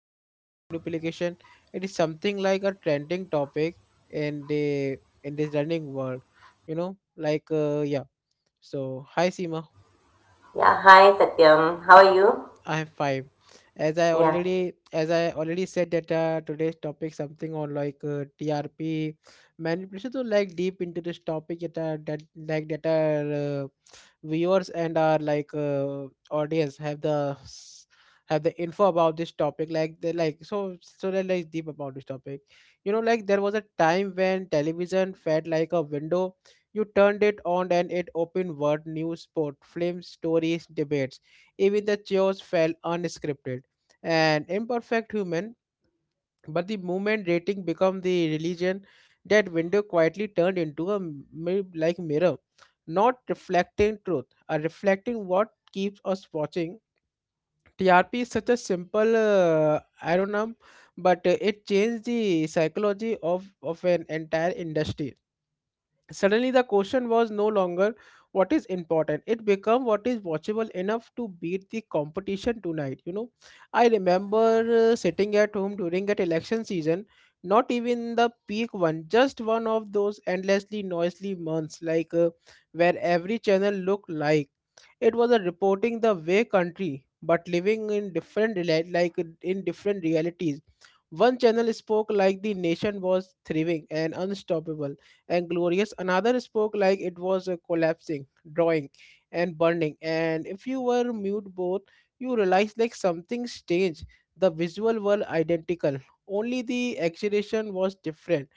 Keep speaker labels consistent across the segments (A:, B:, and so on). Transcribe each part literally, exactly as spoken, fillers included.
A: TRP manipulation. It is something like a trending topic in the in this running world. You know like uh, yeah. So hi Seema.
B: Yeah, hi Satyam. How are you?
A: I have five. As I
B: Yeah,
A: already as I already said that uh, today's topic something on like uh, T R P manipulation. So like deep into this topic that uh, that like that our uh, viewers and our like uh, audience have the s- have the info about this topic. Like they like so so that like deep about this topic. You know, like there was a time when television felt like a window. You turned it on, and it opened world news, sport, films, stories, debates. Even the chaos felt unscripted and imperfect human, but the moment rating become the religion, that window quietly turned into a mi- like mirror, not reflecting truth, or reflecting what keeps us watching. T R P is such a simple uh, ironym, but uh, it changed the psychology of, of an entire industry. Suddenly, the question was no longer what is important. It became what is watchable enough to beat the competition tonight. You know, I remember uh, sitting at home during that election season, not even the peak one, just one of those endlessly noisy months, like uh, where every channel looked like it was a reporting the way country, but living in different rela- like uh, in different realities. One channel spoke like the nation was thriving and unstoppable and glorious. Another spoke like it was uh, collapsing, drawing, and burning. And if you were mute both, you realized like something strange. The visual were identical. Only the exhilaration was different.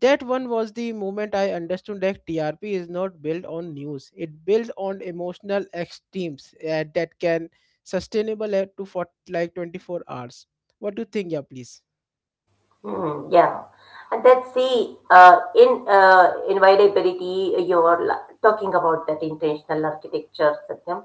A: That one was the moment I understood that T R P is not built on news. It builds on emotional extremes uh, that can sustainable at to for like twenty-four hours. What do you think, yeah, please?
B: hmm yeah. And that's the uh, in uh, inviolability you're la- talking about that intentional architecture, Satyam.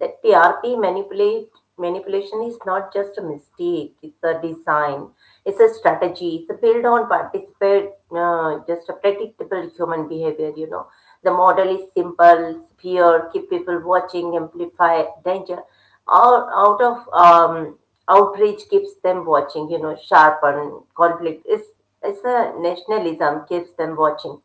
B: That T R P manipulate manipulation is not just a mistake; it's a design, it's a strategy, it's a build on participate, uh, just a predictable human behavior. You know, the model is simple: fear, keep people watching, amplify danger. Out out of um, Outrage keeps them watching. You know, sharpen conflict is it's a nationalism keeps them watching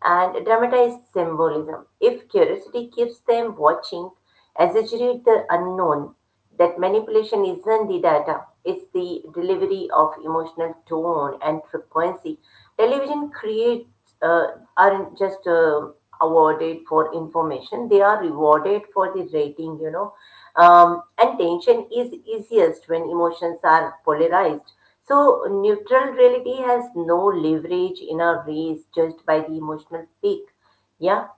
B: and dramatized symbolism if curiosity keeps them watching exaggerate the unknown, that manipulation isn't the data, it's the delivery of emotional tone and frequency. Television creates uh, aren't just uh, awarded for information, they are rewarded for the rating, you know. Um, and tension is easiest when emotions are polarized, so neutral reality has no leverage in a race judged by the emotional peak. Yeah.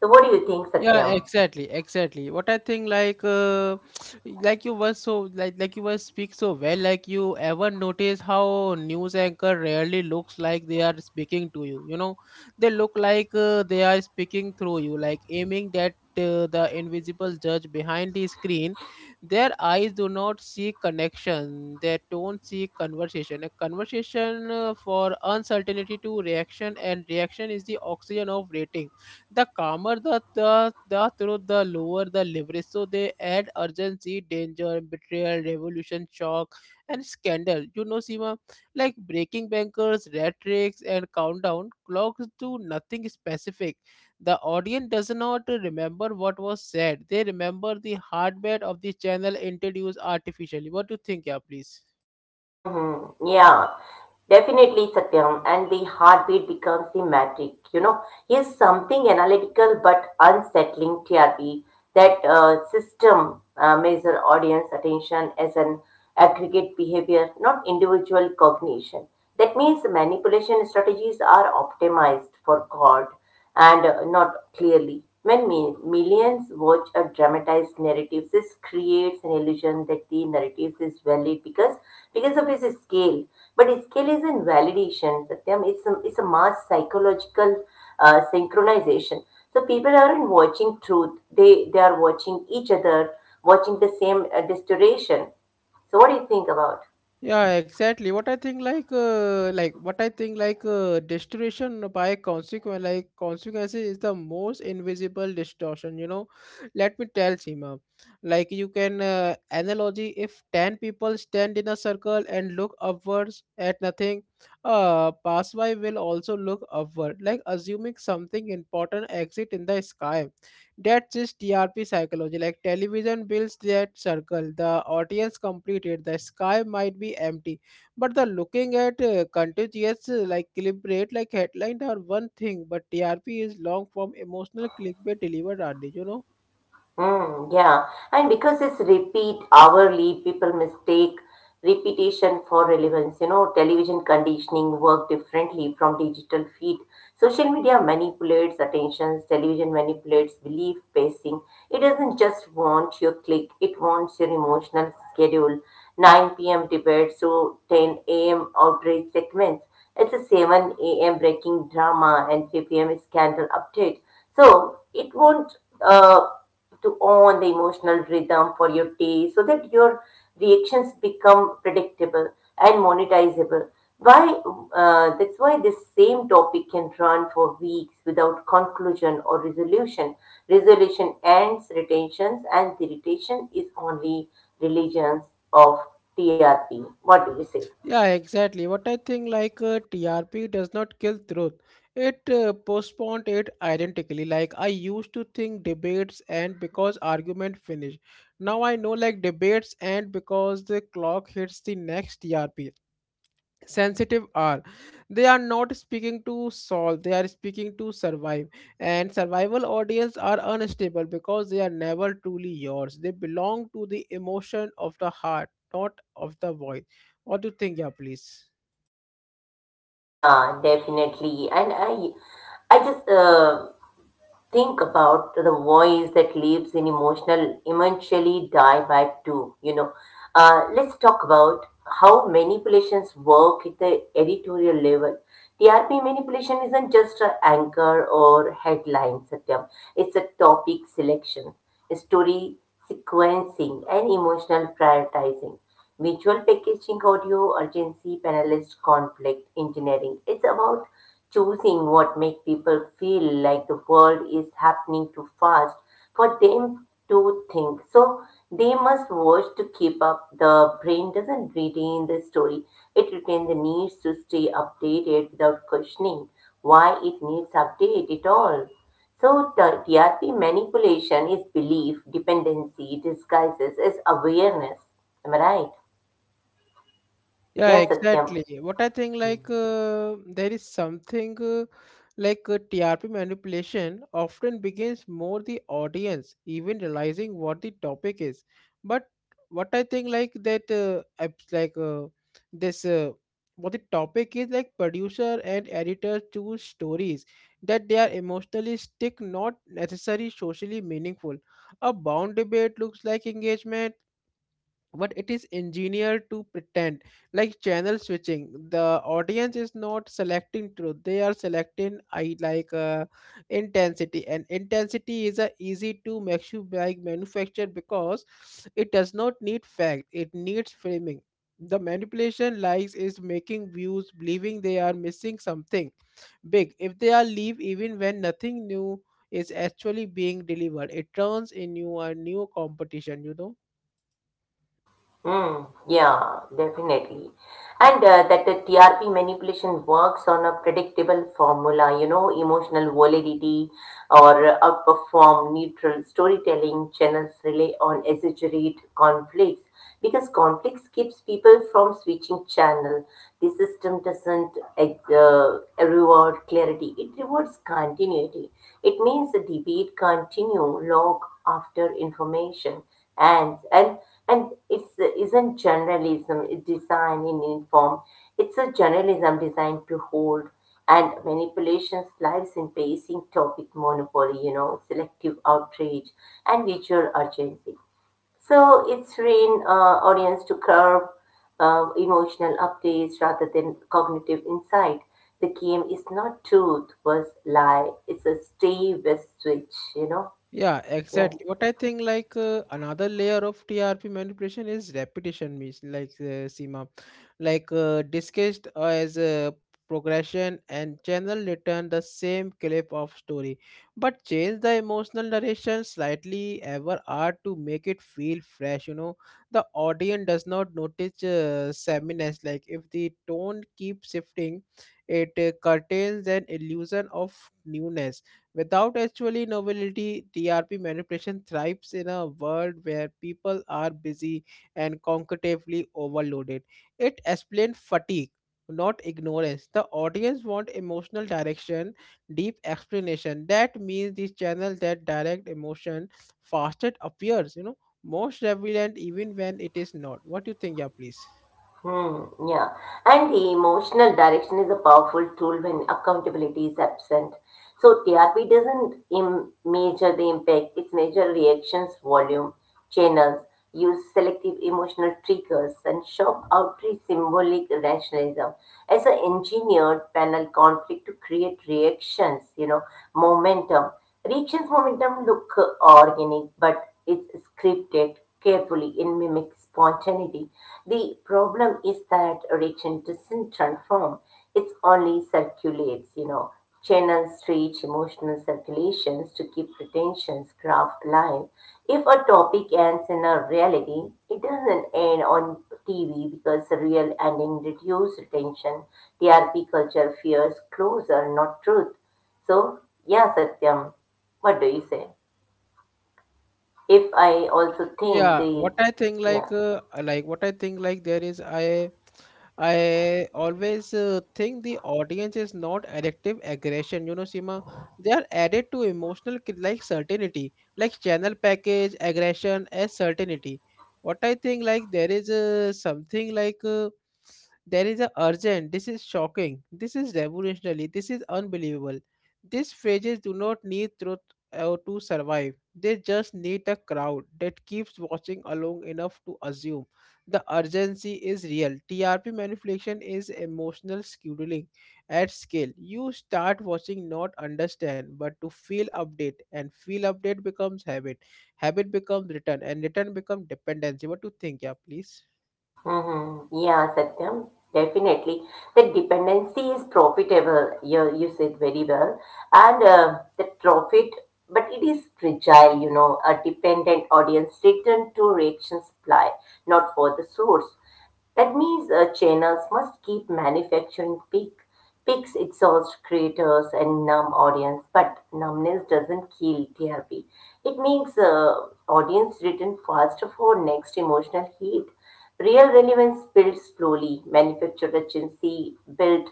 B: So, what do you think,
A: Yeah,
B: Satyam?
A: exactly exactly what I think, like uh, like you were so like like you were speak so well. Like, you ever notice how news anchor rarely looks like they are speaking to you? You know, they look like uh, they are speaking through you, like aiming that uh, the invisible judge behind the screen. Their eyes do not seek connection, they don't seek conversation, a conversation uh, for uncertainty to reaction, and reaction is the oxygen of rating. The calmer the, the, the truth, the lower the leverage. So they add urgency, danger, betrayal, revolution, shock, and scandal. You know, Seema, like breaking bankers, rat tricks, and countdown clocks do nothing specific. The audience does not remember what was said. They remember the heartbeat of the channel introduced artificially. What do you think, yeah, please?
B: Mm-hmm. Yeah, definitely, Satyam. And the heartbeat becomes the metric. You know, is something analytical but unsettling T R P. That uh, system uh, measure audience attention as an aggregate behavior, not individual cognition. That means manipulation strategies are optimized for God and uh, not clearly. When mi- millions watch a dramatized narrative, this creates an illusion that the narrative is valid because because of its scale. But its scale isn't validation, Satyam. It's a, it's a mass psychological uh, synchronization. So people aren't watching truth; they they are watching each other, watching the same uh, distortion. So what do you think about?
A: Yeah, exactly. What I think, like uh, like what I think, like uh, distortion by consequence, like consequences, is the most invisible distortion, you know. Let me tell Seema. Like, you can uh, analogy, if ten people stand in a circle and look upwards at nothing, uh passerby will also look upward, like assuming something important exit in the sky. That's just T R P psychology. Like, television builds that circle. The audience completed. The sky might be empty, but the looking at uh, contiguous uh, like clickbait like headline are one thing, but T R P is long form emotional clickbait delivered early. You know.
B: Mm, yeah, and because it's repeat hourly, people mistake repetition for relevance. You know, television conditioning work differently from digital feed. Social media manipulates attentions, television manipulates belief pacing. It doesn't just want your click, it wants your emotional schedule. nine p m debates to ten a m outrage segments. It's a seven a m breaking drama and three p m scandal update. So it won't. Uh, to own the emotional rhythm for your day so that your reactions become predictable and monetizable. Why, uh, that's why this same topic can run for weeks without conclusion or resolution. Resolution ends retentions, and the retention is only religions of T R P. What do you say?
A: Yeah, exactly. What I think, like uh, T R P does not kill truth; it uh, postponed it identically. Like, I used to think debates end because argument finish. Now I know, like debates end because the clock hits the next T R P sensitive are, they are not speaking to solve, they are speaking to survive. And survival audience are unstable because they are never truly yours. They belong to the emotion of the heart, not of the voice. What do you think, yeah, please?
B: Yeah definitely and i i just uh, Think about the voice that lives in emotional eventually die by too. You know, uh, let's talk about how manipulations work at the editorial level. T R P manipulation isn't just an anchor or headline, Satyam. It's a topic selection, story sequencing, and emotional prioritizing. Visual packaging, audio urgency, panelist conflict, engineering. It's about choosing what make people feel like the world is happening too fast for them to think, so they must watch to keep up. The brain doesn't retain the story, it retains the needs to stay updated without questioning why it needs update at all. So the TRP manipulation is belief dependency disguises as awareness. Am I right?
A: Yeah,
B: Yes, Satyam.
A: exactly. What I think, like, uh, there is something uh, like uh, T R P manipulation often begins more the audience even realizing what the topic is. But what I think, like, that, uh, abs- like, uh, this, uh, what the topic is, like producer and editor choose stories that they are emotionally stick, not necessarily socially meaningful. A bound debate looks like engagement, but it is engineered to pretend, like channel switching. The audience is not selecting truth, they are selecting I like uh, intensity, and intensity is a easy to make you like manufacture because it does not need fact, it needs framing. The manipulation lies is making views believing they are missing something big if they are leave, even when nothing new is actually being delivered. It turns in you a new competition, you know.
B: Mm, yeah, definitely. And uh, that the T R P manipulation works on a predictable formula, you know, emotional validity or outperform neutral storytelling. Channels rely on exaggerate conflicts because conflicts keeps people from switching channel. The system doesn't uh, reward clarity, it rewards continuity. It means the debate continue long after information ends, and and it's isn't journalism design in uniform. It's a journalism designed to hold, and manipulations lives in pacing topic monopoly, you know, selective outrage and visual urgency. So it's train uh, audience to curb uh, emotional updates rather than cognitive insight. The game is not truth versus lie. It's a stay with switch, you know.
A: Yeah,
B: Yes.
A: exactly. What I think, like uh, another layer of T R P manipulation is repetition, means like uh, Seema, like uh, discussed as a progression, and channel return the same clip of story, but change the emotional narration slightly ever are to make it feel fresh. You know, the audience does not notice uh, sameness. Like, if the tone keeps shifting, it uh, curtains an illusion of newness. Without actually novelty, T R P manipulation thrives in a world where people are busy and cognitively overloaded. It explains fatigue, not ignorance. The audience want emotional direction, deep explanation. That means these channels that direct emotion faster appears, you know, most relevant even when it is not. What do you think, yeah, please?
B: Hmm, yeah. And the emotional direction is a powerful tool when accountability is absent. So T R P doesn't im- measure the impact, it measures reactions, volume, channels, use selective emotional triggers, and shock outreach symbolic rationalism. As an engineered panel conflict to create reactions, you know, momentum. Reactions momentum look uh, organic, but is scripted carefully and mimics spontaneity. The problem is that religion doesn't transform, it only circulates, you know, channels reach emotional circulations to keep pretensions craft alive. If a topic ends in a reality, it doesn't end on T V because the real ending reduces attention. T R P culture fears closer, not truth. So, yeah, Satyam, what do you say? If I also think
A: Yeah,
B: the
A: what I think,
B: yeah,
A: like uh, uh, like what I think, like, there is I I always uh, think the audience is not addictive aggression. You know, Seema, they are added to emotional ki- like certainty, like channel package aggression as certainty. What I think, like, there is uh, something like uh, there is a urgent. This is shocking. This is revolutionary. This is unbelievable. These phrases do not need truth uh, to survive, they just need a crowd that keeps watching along enough to assume the urgency is real. T R P manipulation is emotional scheduling at scale. You start watching not understand, but to feel update, and feel update becomes habit. Habit becomes return, and return becomes dependency. What do you think? Yeah, please.
B: hmm yeah, Satyam, definitely. The dependency is profitable. You you said very well, and uh, the profit, but it is fragile. You know, a dependent audience return to reaction supply, not for the source. That means uh, channels must keep manufacturing peak, peaks exhaust creators and numb audience, but numbness doesn't kill T R P. It makes uh, audience return faster for next emotional heat. Real relevance builds slowly, manufactured urgency built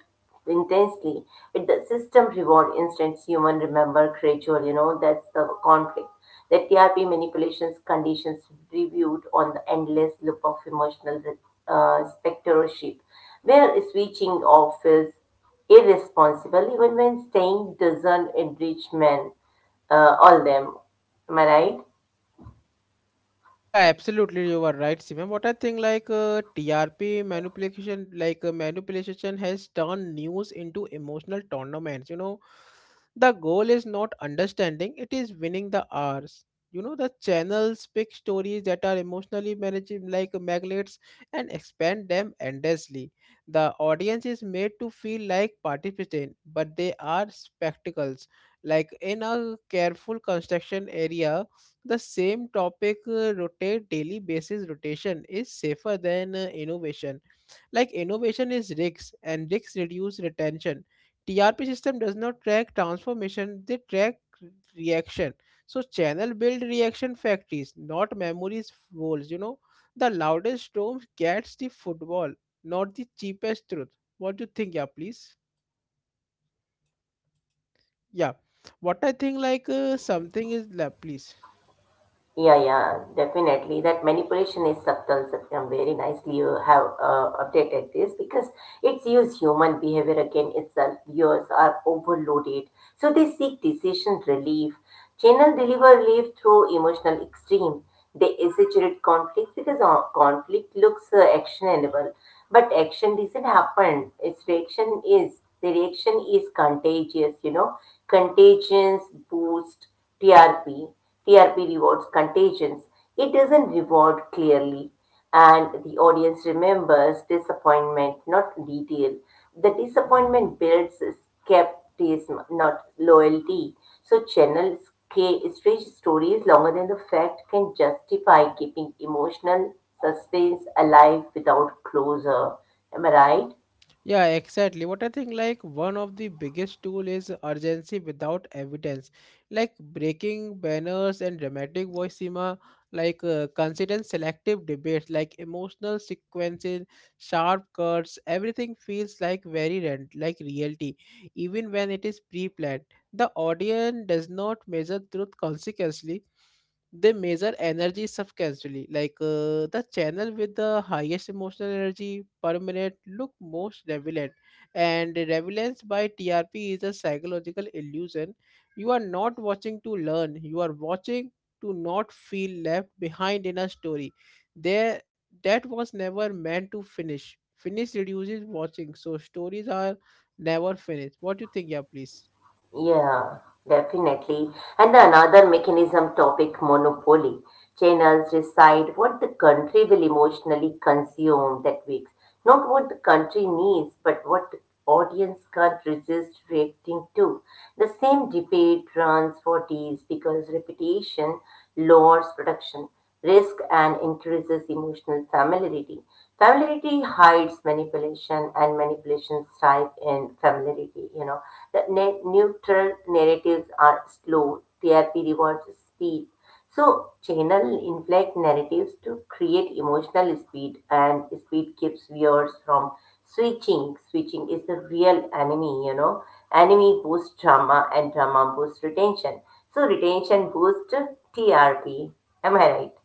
B: intensely, with the system reward instance human remember gradual, you know. That's the conflict. The TRP manipulations conditions reviewed on the endless loop of emotional uh, spectatorship where switching off feels irresponsible even when staying doesn't enrich men, uh, all them. Am I right?
A: Yeah, absolutely, you are right, Simon. What I think, like uh, T R P manipulation, like uh, manipulation has turned news into emotional tournaments. You know, the goal is not understanding; it is winning the hours. You know, the channels pick stories that are emotionally managing, like magnets, and expand them endlessly. The audience is made to feel like participant, but they are spectacles. Like, in a careful construction area, the same topic uh, rotate daily basis. Rotation is safer than uh, innovation. Like, innovation is risks, and risks reduce retention. T R P system does not track transformation, they track reaction. So channel build reaction factories, not memories walls, you know. The loudest storm gets the football, not the cheapest truth. What do you think, yeah, please? Yeah what I think like uh, something is la please
B: Yeah, yeah, definitely. That manipulation is subtle, Satyam. Very nicely you have uh, updated this because it's used human behavior again itself. Viewers are overloaded, so they seek decision relief. Channel deliver relief through emotional extreme. They exaggerate conflict because uh, conflict looks uh, actionable, but action doesn't happen. Its reaction is the reaction is contagious. You know, contagions boost T R P. T R P rewards contagions, it doesn't reward clearly. And the audience remembers disappointment, not detail. The disappointment builds skepticism, not loyalty. So, channel K strange stories longer than the fact can justify, keeping emotional suspense alive without closure. Am I right?
A: Yeah, exactly. What I think, like, one of the biggest tool is urgency without evidence, like breaking banners and dramatic voicema, like uh, consistent selective debates, like emotional sequences, sharp cuts. Everything feels like very rent, like reality, even when it is pre-planned. The audience does not measure truth consequently, they measure energy subcasually, like uh, the channel with the highest emotional energy per minute look most relevant, and relevance by T R P is a psychological illusion. You are not watching to learn, you are watching to not feel left behind in a story there that was never meant to finish. Finish reduces watching, so stories are never finished. What do you think, yeah, please?
B: Yeah, definitely. And another mechanism topic monopoly. Channels decide what the country will emotionally consume that week. Not what the country needs, but what the audience can't resist reacting to. The same debate runs for days because repetition lowers production risk and increases emotional familiarity. Familiarity hides manipulation, and manipulation thrive in familiarity. You know, the ne- neutral narratives are slow. T R P rewards speed. So channel inflect narratives to create emotional speed, and speed keeps viewers from switching. Switching is the real enemy. You know, enemy boosts drama, and drama boosts retention. So retention boosts T R P. Am I right?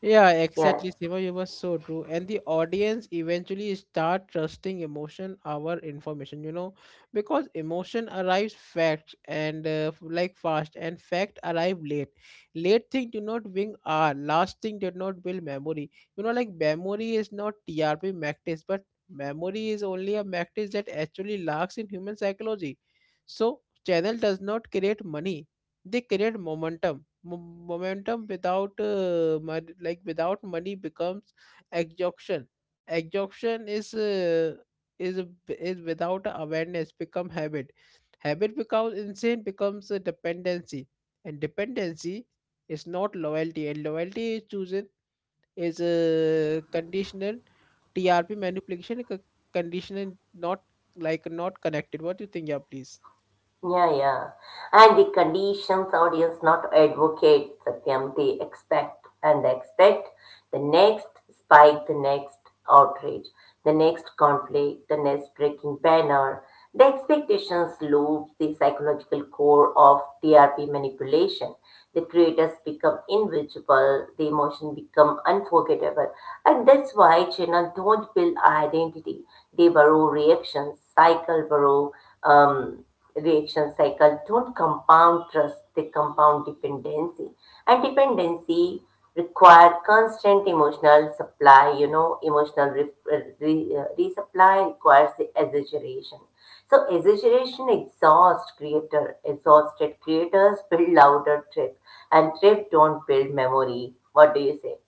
A: Yeah,
B: Yeah,
A: exactly, Siva. You were so true. And the audience eventually start trusting emotion our information, you know, because emotion arrives fact and uh, f- like fast, and fact arrive late. Late thing do not win R. Last thing did not build memory. You know, like memory is not T R P practice, but memory is only a practice that actually lacks in human psychology. So channel does not create money. They create momentum. Mo- momentum without uh, mon- like without money becomes exhaustion. Exhaustion is uh, is is without awareness become habit. Habit becomes insane becomes a dependency, and dependency is not loyalty, and loyalty is chosen, is a conditional. T R P manipulation is a conditional, not like not connected. What do you think, yeah, please?
B: yeah, yeah. And the conditions audience not advocate, Satyam, they expect, and they expect the next spike, the next outrage, the next conflict, the next breaking banner. The expectations loops the psychological core of T R P manipulation. The creators become invisible, the emotion become unforgettable. And that's why channels don't build identity. De Barrow reaction cycle, Barrow um, reaction cycle don't compound trust, they compound dependency. And dependency require constant emotional supply, you know, emotional re- re- uh, resupply requires the exaggeration. So exaggeration exhausts creator, exhausted creators build louder trip, and trip don't build memory. What do you say?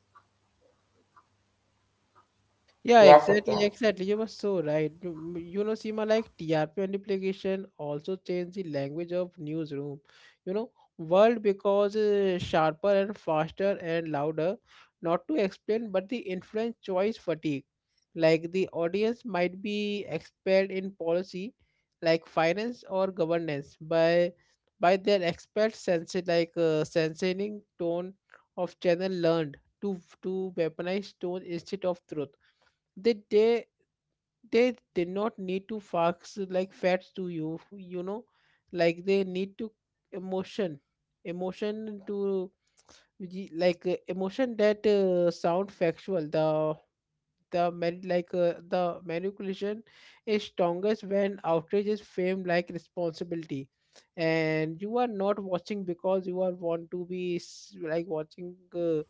A: Yeah,
B: Yes,
A: exactly,
B: Satyam.
A: exactly. You were so right. You m- you know, Seema, like T R P multiplication also changed the language of newsroom. You know, world because uh, sharper and faster and louder. Not to explain, but the influence choice fatigue. Like the audience might be expert in policy, like finance or governance, by by their expert sense, like uh, sensing tone of channel learned to to weaponize tone instead of truth. They they they did not need to fax like facts to you, you know like they need to emotion emotion to ye- like uh, emotion that uh, sound factual. The the man- like uh, the manipulation is strongest when outrage is fame like responsibility, and you are not watching because you are want to be s- like watching, uh,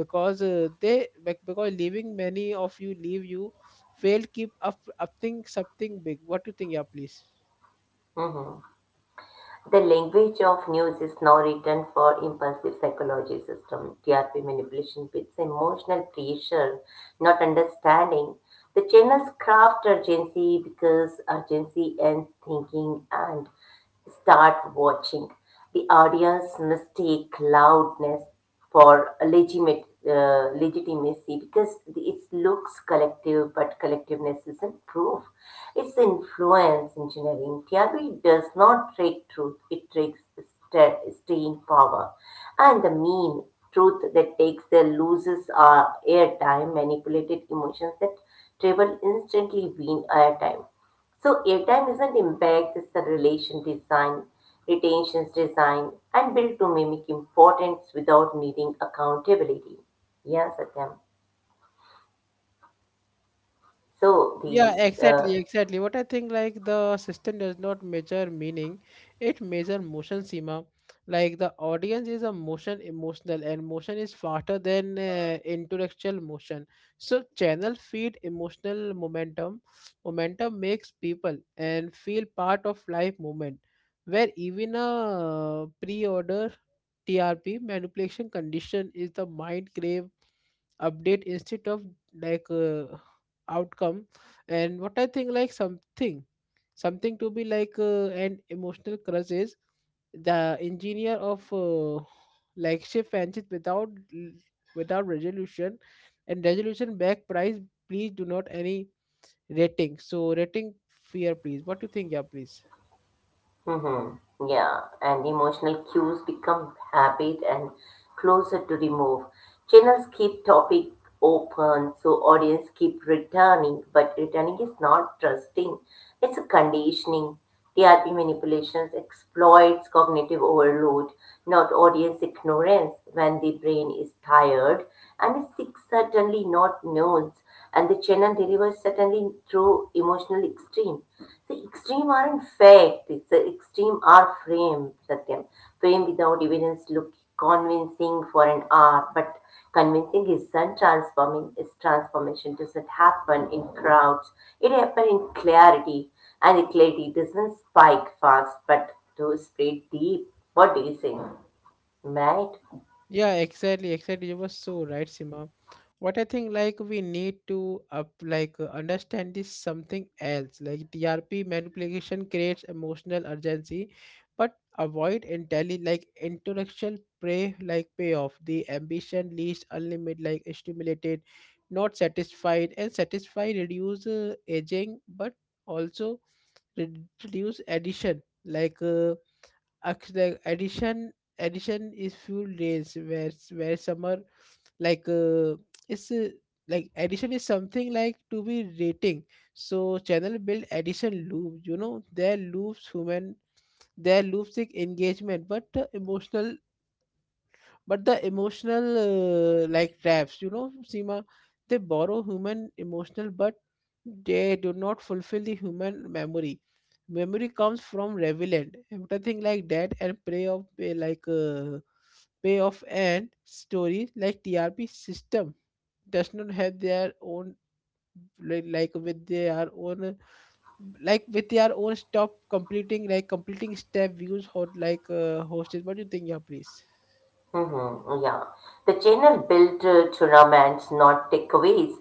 A: because uh, they bec- because leaving many of you leave you fail keep up up think something big. What do you think? Yeah, please.
B: Mm-hmm. The language of news is now written for impulsive psychology system, T R P manipulation with emotional pressure, not understanding. The channels craft urgency because urgency ends thinking and start watching. The audience mistake loudness for a legitimate uh, legitimacy because it looks collective, but collectiveness isn't proof. It's influence engineering. Theory does not trick truth; it tricks sta- staying power. And the mean truth that takes the loses uh, airtime, manipulated emotions that travel instantly win airtime. So airtime isn't impact, it's a relation design, retentions design, and built to mimic importance without needing accountability. Yeah, Satyam. So
A: Yeah,
B: these uh,
A: exactly, exactly. What I think like the system does not measure meaning, it measures motion, Seema. Like the audience is a motion emotional and motion is faster than uh, intellectual motion. So channel feed emotional momentum. Momentum makes people and feel part of life movement where even a pre-order T R P manipulation condition is the mind crave update instead of like uh, outcome. And what I think like something something to be like uh, an emotional crush is the engineer of uh, like shift franchise without without resolution, and resolution back price. Please do not any rating, so rating fear. Please, what do you think? Yeah, please.
B: mm-hmm. Yeah, and emotional cues become habit and closer to remove. Channels keep topic open, so audience keep returning, but returning is not trusting. It's a conditioning. T R P manipulations exploits cognitive overload, not audience ignorance. When the brain is tired and is sick, certainly not knows, and the channel delivers certainly through emotional extreme. The extreme are in fact, it's the extreme are framed, Satyam. Frame without evidence look convincing for an hour, but convincing isn't transforming, is transformation doesn't happen in crowds. It happens in clarity, and the clarity doesn't spike fast, but to spread deep. What do you think? Right?
A: Yeah, exactly, exactly. You were so right, Sima. What I think, like, we need to up, like, uh, understand this something else. Like, T R P manipulation creates emotional urgency, but avoid intelli like intellectual prey like payoff. The ambition leads unlimited, like stimulated, not satisfied, and satisfied reduce uh, aging, but also reduce addition. Like. Uh, Ac- the addition Addition is few days where where summer like uh, it's uh, like addition is something like to be rating. So channel build addition loop, you know, their loops human, their loops like engagement but uh, emotional but the emotional, uh, like traps, you know, Seema, they borrow human emotional, but they do not fulfill the human memory. Memory comes from relevant, everything like that, and play of eh, like uh, pay off and stories like T R P system does not have their own like like with their own uh, like with their own stop completing like completing step views hot like uh, hosted. What do you think? Yeah, please.
B: Mm-hmm. Oh, yeah. The channel built uh, to romance, not takeaways.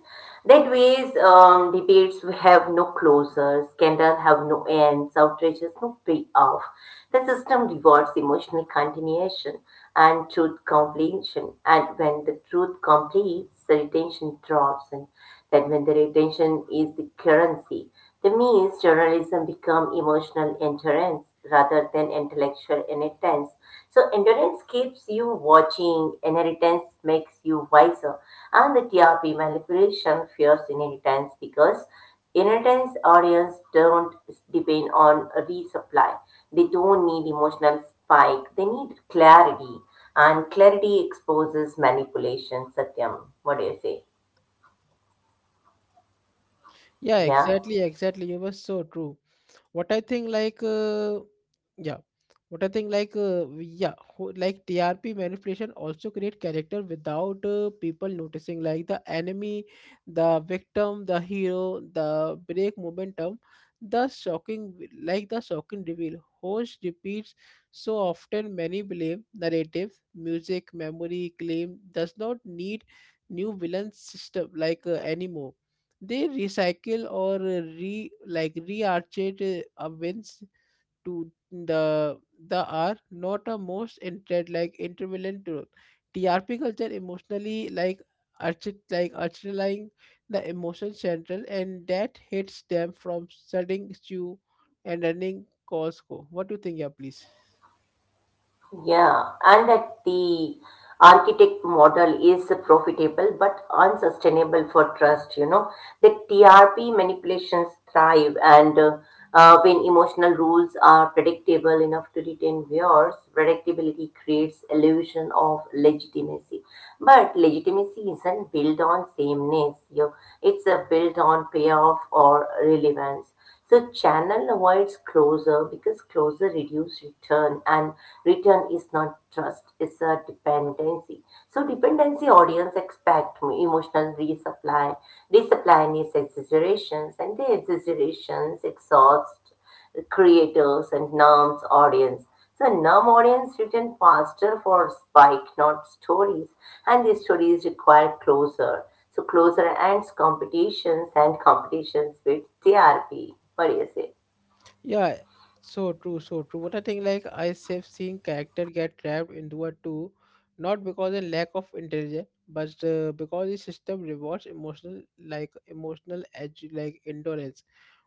B: That ways, um, debates have no closure, scandal have no ends, outrage has no payoff. The system rewards emotional continuation and truth completion. And when the truth completes, the retention drops. And then when the retention is the currency. The means journalism become emotional endurance rather than intellectual inheritance. So endurance keeps you watching, inheritance makes you wiser, and the T R P manipulation fears inheritance because inheritance audience don't depend on resupply. They don't need emotional spike. They need clarity, and clarity exposes manipulation. Satyam, what do you say?
A: Yeah,
B: Yeah.
A: exactly, exactly. You were so true. What I think, like, uh, yeah, what I think, like, uh, we- yeah, ho- like T R P manipulation also create character without uh, people noticing, like the enemy, the victim, the hero, the break momentum, the shocking, w- like the shocking reveal. Host repeats so often many blame narratives, music, memory, claim does not need new villain system like uh, anymore. They recycle or uh, re like rearchate uh, ovens to the the are not a most inter like intermittent role. T R P culture emotionally like archi like architecting the emotion central, and that hits them from studying stew and running Costco. What do you think? Yeah, please.
B: Yeah, and that the architect model is profitable but unsustainable for trust, you know. The T R P manipulations thrive, and uh, uh, when emotional rules are predictable enough to retain viewers, predictability creates illusion of legitimacy. But legitimacy isn't built on sameness, you know. It's a built on payoff or relevance. So channel avoids closure because closure reduces return, and return is not trust, it's a dependency. So dependency audience expect emotional resupply, resupply needs exaggerations and the exaggerations exhaust creators and N U M's audience. So N U M audience written faster for spike, not stories, and the stories require closer. So closer ends competitions and competitions with T R P. What do you say?
A: Yeah, so true, so true. But I think like I have seen character get trapped into a two, not because of lack of intelligence, but uh, because the system rewards emotional like emotional edge like endurance.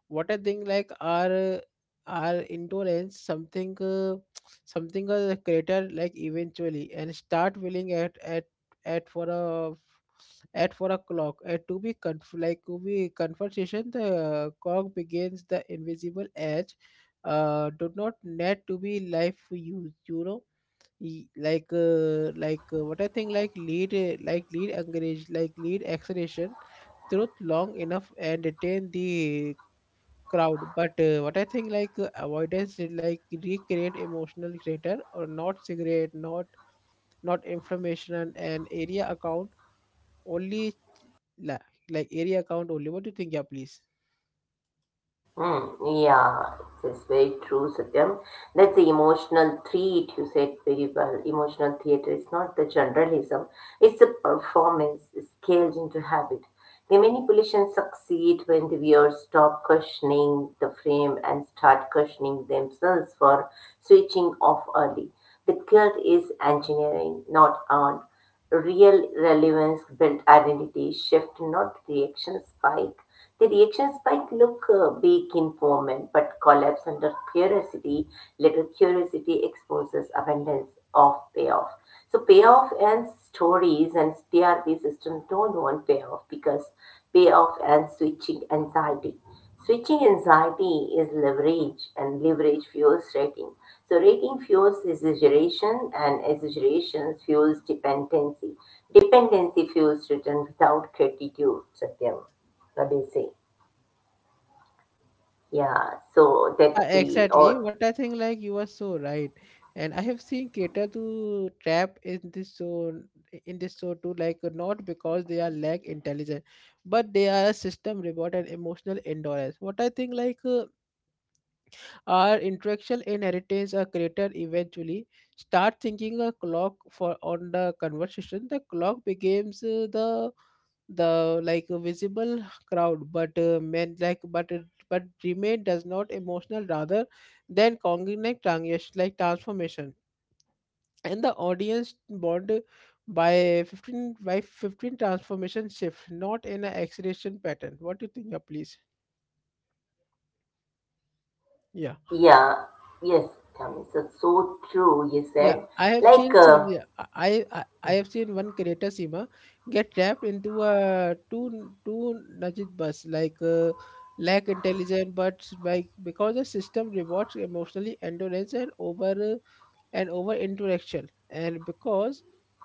A: What I think like our uh, our endurance something uh, something a creator like eventually and start willing at at at for a at four o'clock, uh, to be conf- like to be conversation, the cog begins the invisible edge. Uh, do not need to be life for you, you know. Y- Like, uh, like uh, what I think, like lead, uh, like lead engage, like lead acceleration truth long enough and retain the crowd, but uh, what I think like uh, avoidance did like recreate emotional crater or not cigarette, not not information and area account only la like area count only. What do you think? Yeah, please.
B: Hmm, yeah, it's very true, Satyam. That's the emotional treat you said very well. Emotional theatre is not the generalism, it's a performance scaled into habit. The manipulations succeed when the viewers stop questioning the frame and start questioning themselves for switching off early. The guilt is engineering, not earned. Real relevance built identity shift, not reaction spike. The reaction spike look uh, big in moment but collapse under curiosity. Little curiosity exposes abundance of payoff. So payoff and stories and T R P system don't want payoff because payoff and switching anxiety. Switching anxiety is leverage, and leverage fuels rating. So, rating fuels exaggeration, and exaggeration fuels dependency. Dependency fuels return without gratitude, Satyam. What do you say? Yeah, so
A: Yeah,
B: that the,
A: exactly.
B: or,
A: What I think, like you are so right, and I have seen cater to trap in this zone, in this show too. Like not because they are lack intelligent, but they are a system reward and emotional endurance. What I think, like. Uh, Our intellectual inheritance, a creator eventually start thinking a clock for on the conversation. The clock becomes uh, the the like a visible crowd, but uh, men like but it- but remain does not emotional rather than cognitive transition like transformation, and the audience bond by fifteen by fifteen transformation shift, not in an acceleration pattern. What do you think? Yeah, please. Yeah.
B: yeah, yes, Tammy, so, so true, you
A: Yeah,
B: said.
A: I have
B: Like,
A: seen some.
B: uh,
A: Yeah, I, I I have seen one creator, Seema, get trapped into a two two nudged bus like uh, lack intelligence, but like because the system rewards emotionally endurance and over uh, and over interaction, and because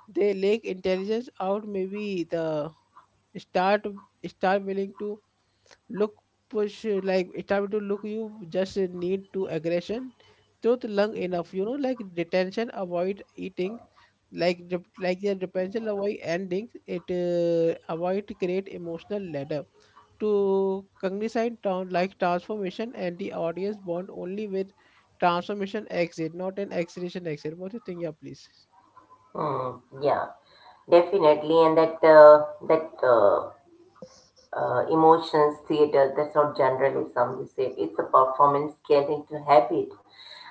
A: they lack intelligence out, maybe the start start willing to look push uh, like start to look you just uh, need to aggression don't lung enough, you know, like detention avoid eating like dep- like the detention avoid ending it uh, avoid create emotional ladder to cognizant town like transformation, and the audience bond only with transformation exit, not an acceleration exit. What do you think? Yeah, please.
B: hmm, yeah, definitely. And that, uh, that, uh, uh, emotions, theater, that's not generalism, you said. It's a performance get into habit.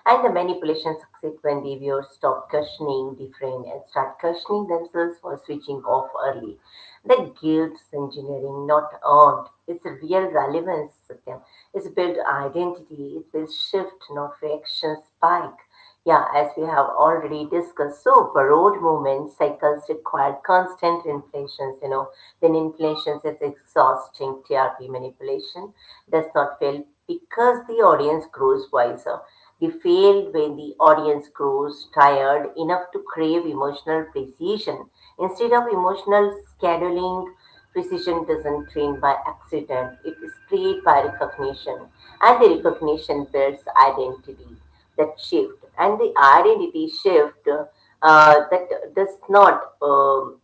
B: And the manipulation succeed when the viewers stop questioning the frame and start questioning themselves for switching off early. The guilt's engineering, not earned. It's a real relevance, Satyam. It's built identity. It will shift, not reaction spike. Yeah, as we have already discussed, so borrowed movement cycles require constant inflations. You know, when inflations is exhausting, T R P manipulation does not fail because the audience grows wiser. They fail when the audience grows tired enough to crave emotional precision. Instead of emotional scheduling, precision doesn't train by accident. It is created by recognition, and the recognition builds identity that shift and the identity shift uh, that does not um,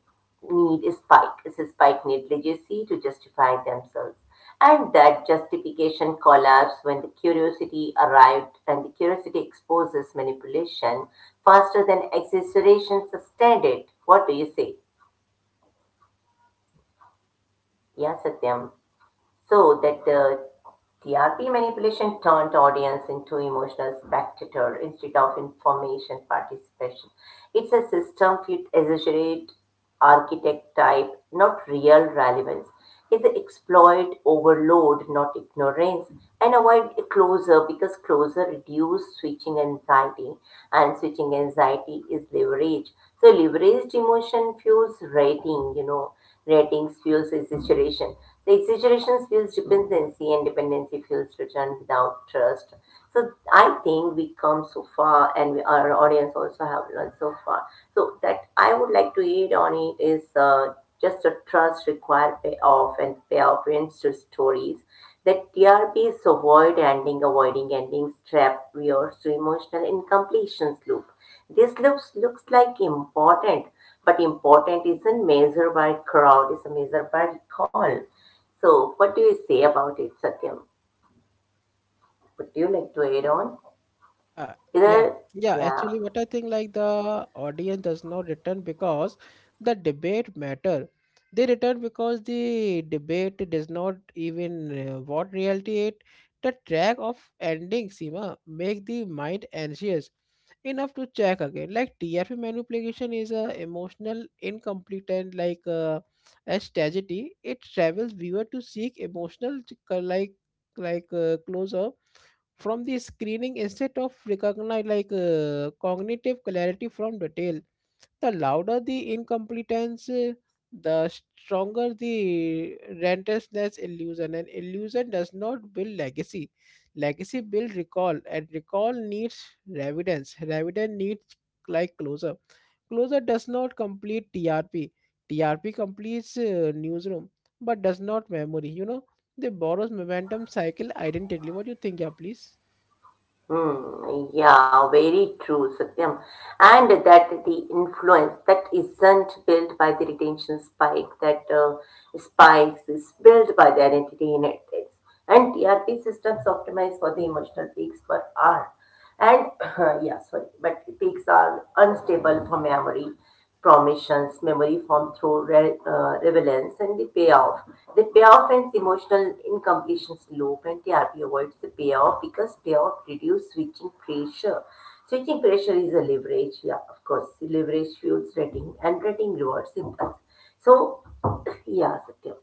B: need a spike. It's a spike need legacy to justify themselves? And that justification collapse when the curiosity arrived and the curiosity exposes manipulation faster than exaggeration sustained it. What do you say? Yeah, Satyam. So that the T R P manipulation turned audience into emotional spectator instead of information participation. It's a system fit exaggerate architect type, not real relevance. It's the exploit overload, not ignorance, and avoid a closer because closer reduce switching anxiety, and switching anxiety is leverage. So leveraged emotion fuels rating, you know. Ratings fuels exaggeration. So exaggeration fuels dependency and dependency fuels return without trust. So I think we come so far and we, our audience also have learned so far. So that I would like to add on it is uh, just a trust required payoff and payoff ends to stories that T R Ps avoid ending, avoiding endings, trap viewers to emotional incompletions loop. This looks looks like important, but important isn't measured by crowd, it's measured by call. So what do you say about it, Satyam? Would you like to add on?
A: Yeah, yeah,
B: Either
A: yeah.
B: yeah.
A: Actually, what I think like the audience does not return because the debate matter. They return because the debate does not even uh, what reality it. The track of ending, Sima, make the mind anxious enough to check again. Like T R P manipulation is a emotional incomplete and like uh, a strategy. It travels viewer to seek emotional ch- co- like like uh, closure from the screening instead of recognize like uh, cognitive clarity from detail. The louder the incompetence, uh, the stronger the rentlessness illusion. And illusion does not build legacy. Legacy build recall, and recall needs evidence. Evidence needs like closure. Closure does not complete T R P. T R P completes uh, newsroom, but does not memory. You know, they borrows momentum cycle identically. What do you think? Yeah, please.
B: Hmm, yeah, very true, Satyam. And that the influence that isn't built by the retention spike, that uh, spikes is built by the identity in it. And T R P systems optimize for the emotional peaks per hour. And yeah, sorry, but peaks are unstable for memory, promissions, memory form through re- uh, relevance and the payoff. The payoff and emotional incompletions loop and T R P avoids the payoff because payoff reduce switching pressure. Switching pressure is a leverage, yeah, of course. Leverage fuels rating and rating rewards impulse. So, yeah, Satya.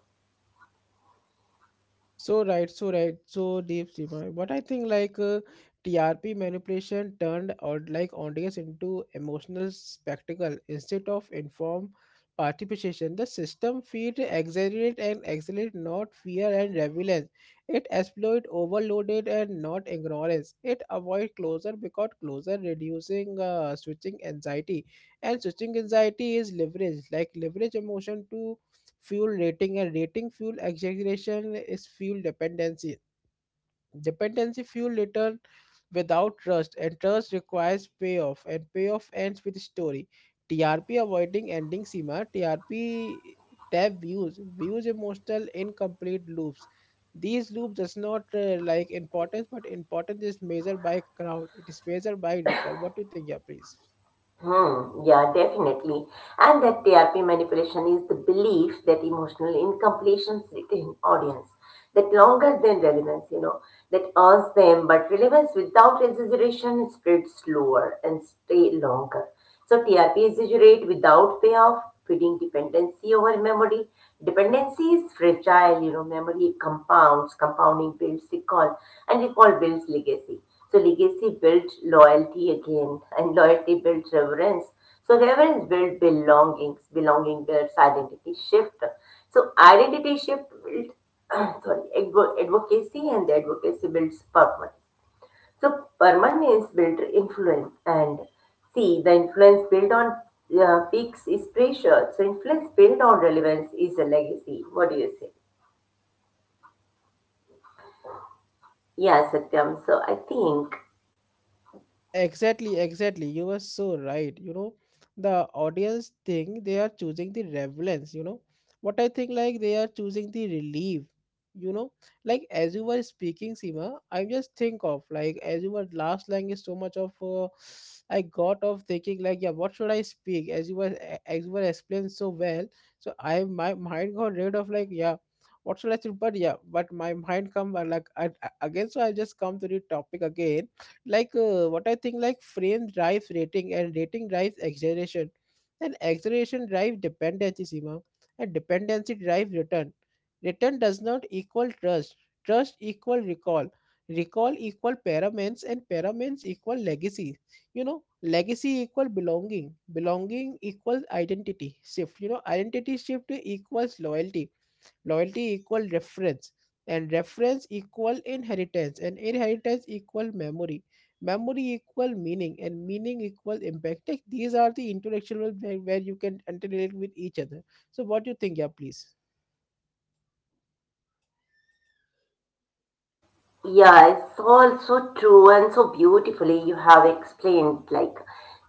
A: So right, so right, so deep, Seema. What I think like uh, T R P manipulation turned or like audience into emotional spectacle instead of informed participation. The system feed exaggerate and accelerate, not fear and relevance. It exploit overloaded and not ignorance. It avoid closure because closure reducing uh, switching anxiety, and switching anxiety is leverage, like leverage emotion to fuel rating, and rating fuel exaggeration is fuel dependency, dependency fuel return without trust, and trust requires payoff, and payoff ends with story. TRP avoiding ending, Sima, TRP tab views, views emotional incomplete loops. These loops does not uh, like importance, but importance is measured by crowd, it is measured by recall. What do you think? Yeah, please.
B: Hmm, yeah, definitely. And that T R P manipulation is the belief that emotional incompletion sit in audience, that longer than relevance, you know, that earns them, but relevance without exaggeration spreads slower and stay longer. So T R P exaggerate without payoff, feeding dependency over memory. Dependency is fragile, you know, memory compounds, compounding builds recall, and recall builds legacy. So legacy builds loyalty again, and loyalty builds reverence. So reverence builds belongings, belonging builds identity shift. So identity shift builds sorry, advo- advocacy, and the advocacy builds purpose. So permanence built influence, and see the influence built on uh, peaks is pressure. So influence built on relevance is a legacy. What do you say? Yeah, Satyam. So I think.
A: Yeah, exactly, exactly. You were so right. You know, the audience think they are choosing the relevance, you know. What I think like they are choosing the relief, you know. Like as you were speaking, Seema, I just think of like as you were last line is so much of uh, I got of thinking like yeah, what should I speak? As you were as you were explained so well, so I my mind got rid of like yeah. What should I say? But yeah, but my mind come uh, like I, again. So I just come to the topic again like uh, what I think like frame drives rating, and rating drives acceleration, and acceleration drives dependency, Seema, and dependency drives return. Return does not equal trust, trust equal recall, recall equal paraments, and paraments equal legacy. You know, legacy equal belonging, belonging equals identity shift, you know, identity shift equals loyalty, loyalty equal reference, and reference equal inheritance, and inheritance equal memory, memory equal meaning, and meaning equal impact. Like these are the intellectual where, where you can interrelate with each other. So what do you think? Yeah, please.
B: Yeah, it's all so true and so beautifully you have explained. Like,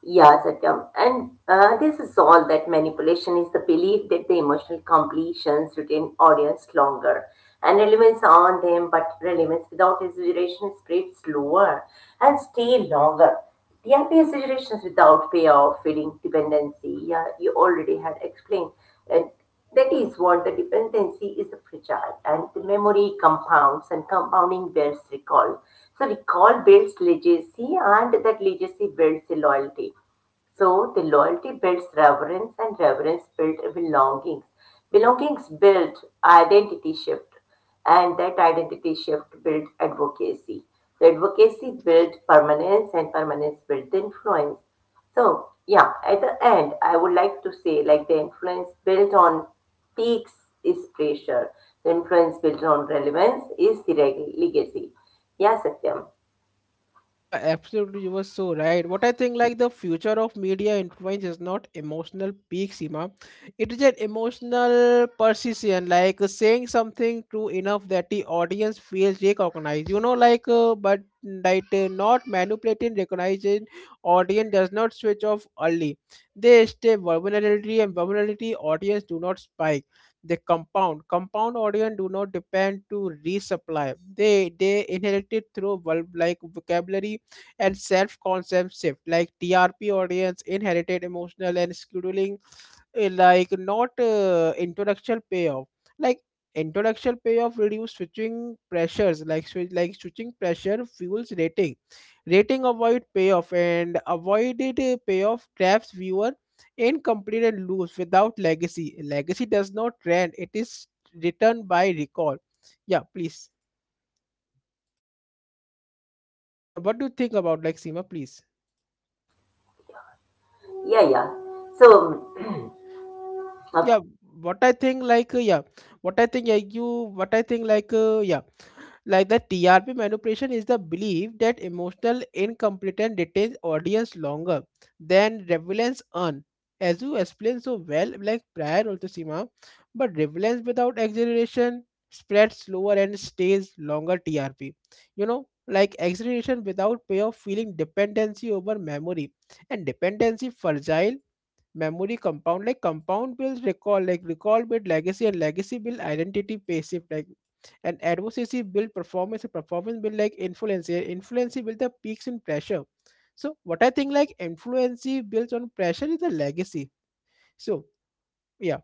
B: yeah, Satyam. And uh, this is all that manipulation is the belief that the emotional completions retain audience longer and relevance on them, but relevance without exaggeration spreads slower and stay longer. The happy situations without payoff, feeding dependency. Yeah, you already had explained. And that is what the dependency is fragile and the memory compounds and compounding builds recall. So recall builds legacy and that legacy builds the loyalty. So the loyalty builds reverence and reverence builds belongings. Belongings build identity shift and that identity shift built advocacy. So advocacy built permanence and permanence built influence. So yeah, at the end, I would like to say like the influence built on peaks is pressure. The influence built on relevance is the reg- legacy. Yeah, Satyam.
A: Yeah, absolutely. You were so right. What I think, like the future of media influence is not emotional peak, Seema. It is an emotional precision, like uh, saying something true enough that the audience feels recognized. You know, like uh, but like uh, not manipulating, recognizing audience does not switch off early. They stay vulnerability, and vulnerability audience do not spike, they compound, compound audion do not depend to resupply, they they inherited through verb like vocabulary and self-concept shift like TRP audience inherited emotional and scheduling, eh, like not uh, introduction payoff, like introduction payoff reduce switching pressures, like swi- like switching pressure fuels rating, rating avoid payoff, and avoided eh, payoff traps viewer incomplete and loose without legacy. Legacy does not trend, it is written by recall. Yeah, please. Yeah, what do you think about like Seema, please?
B: Yeah, yeah. So.
A: Yeah, what I think like uh, yeah, what I think yeah you what I think like uh, yeah like the T R P manipulation is the belief that emotional incompetence retains audience longer than relevance earn. As you explained so well, like prior also, Sima, but relevance without exaggeration spreads slower and stays longer T R P. You know, like exaggeration without payoff, feeling dependency over memory, and dependency fragile, memory compound, like compound builds recall, like recall build legacy, and legacy build identity passive, like and advocacy build performance, and performance build like influence, and influence build the peaks in pressure. So what I think like influence builds on pressure is the legacy. So yeah.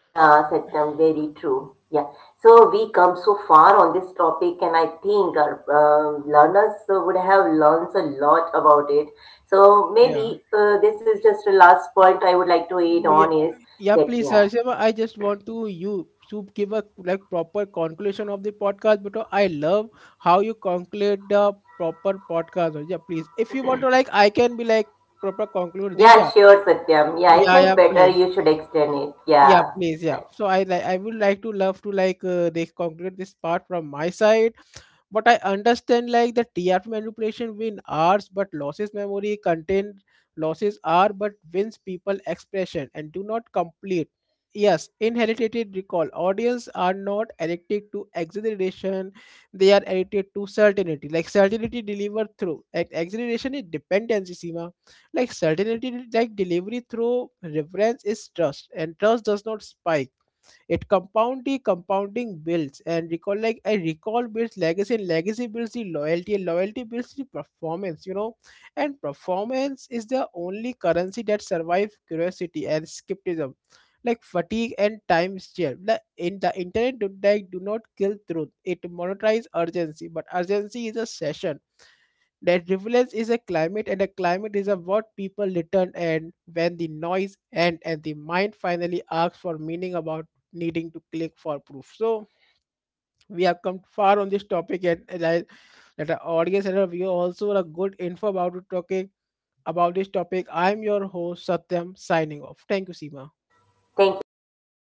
B: Yeah, Satyam, very true. Yeah. So we come so far on this topic, and I think our uh, learners uh, would have learned a lot about it. So
A: Yeah.
B: maybe uh, this is just the last point I would like to add
A: Mm. Yeah,
B: on is
A: yeah,
B: that,
A: please,
B: yeah.
A: Sarshema. I just want to you to give a like proper conclusion of the podcast because I love how you conclude the proper podcast. Yeah, please. If you want to like, I can be like proper conclude this.
B: Yeah,
A: Yeah,
B: sure, Satyam. Yeah, I
A: yeah, yeah,
B: think better
A: please.
B: you should extend it.
A: Yeah,
B: Yeah.
A: please. Yeah.
B: Right.
A: So I like I would like to love to like uh, they conclude this part from my side. But I understand like the T R P manipulation win ours, but losses memory content, losses are but wins people expression and do not complete. Yes, inherited recall. Audience are not addicted to exaggeration; they are addicted to certainty. Like certainty delivered through ex- exaggeration is dependency, Seema, like certainty like delivery through reference is trust, and trust does not spike, it compound, the compounding builds and recall, like I recall builds legacy, and legacy builds the loyalty, and loyalty builds the performance, you know. And performance is the only currency that survives curiosity and skepticism. Like fatigue and time share. The in the internet do like do not kill truth. It monetize urgency, but urgency is a session that relevance is a climate, and a climate is a what people return, and when the noise end and the mind finally asks for meaning about needing to click for proof. So we have come far on this topic, and, and I that our audience and our viewer also a good info about the topic about this topic. I'm your host Satyam signing off. Thank you, Seema.
B: Thank you so much.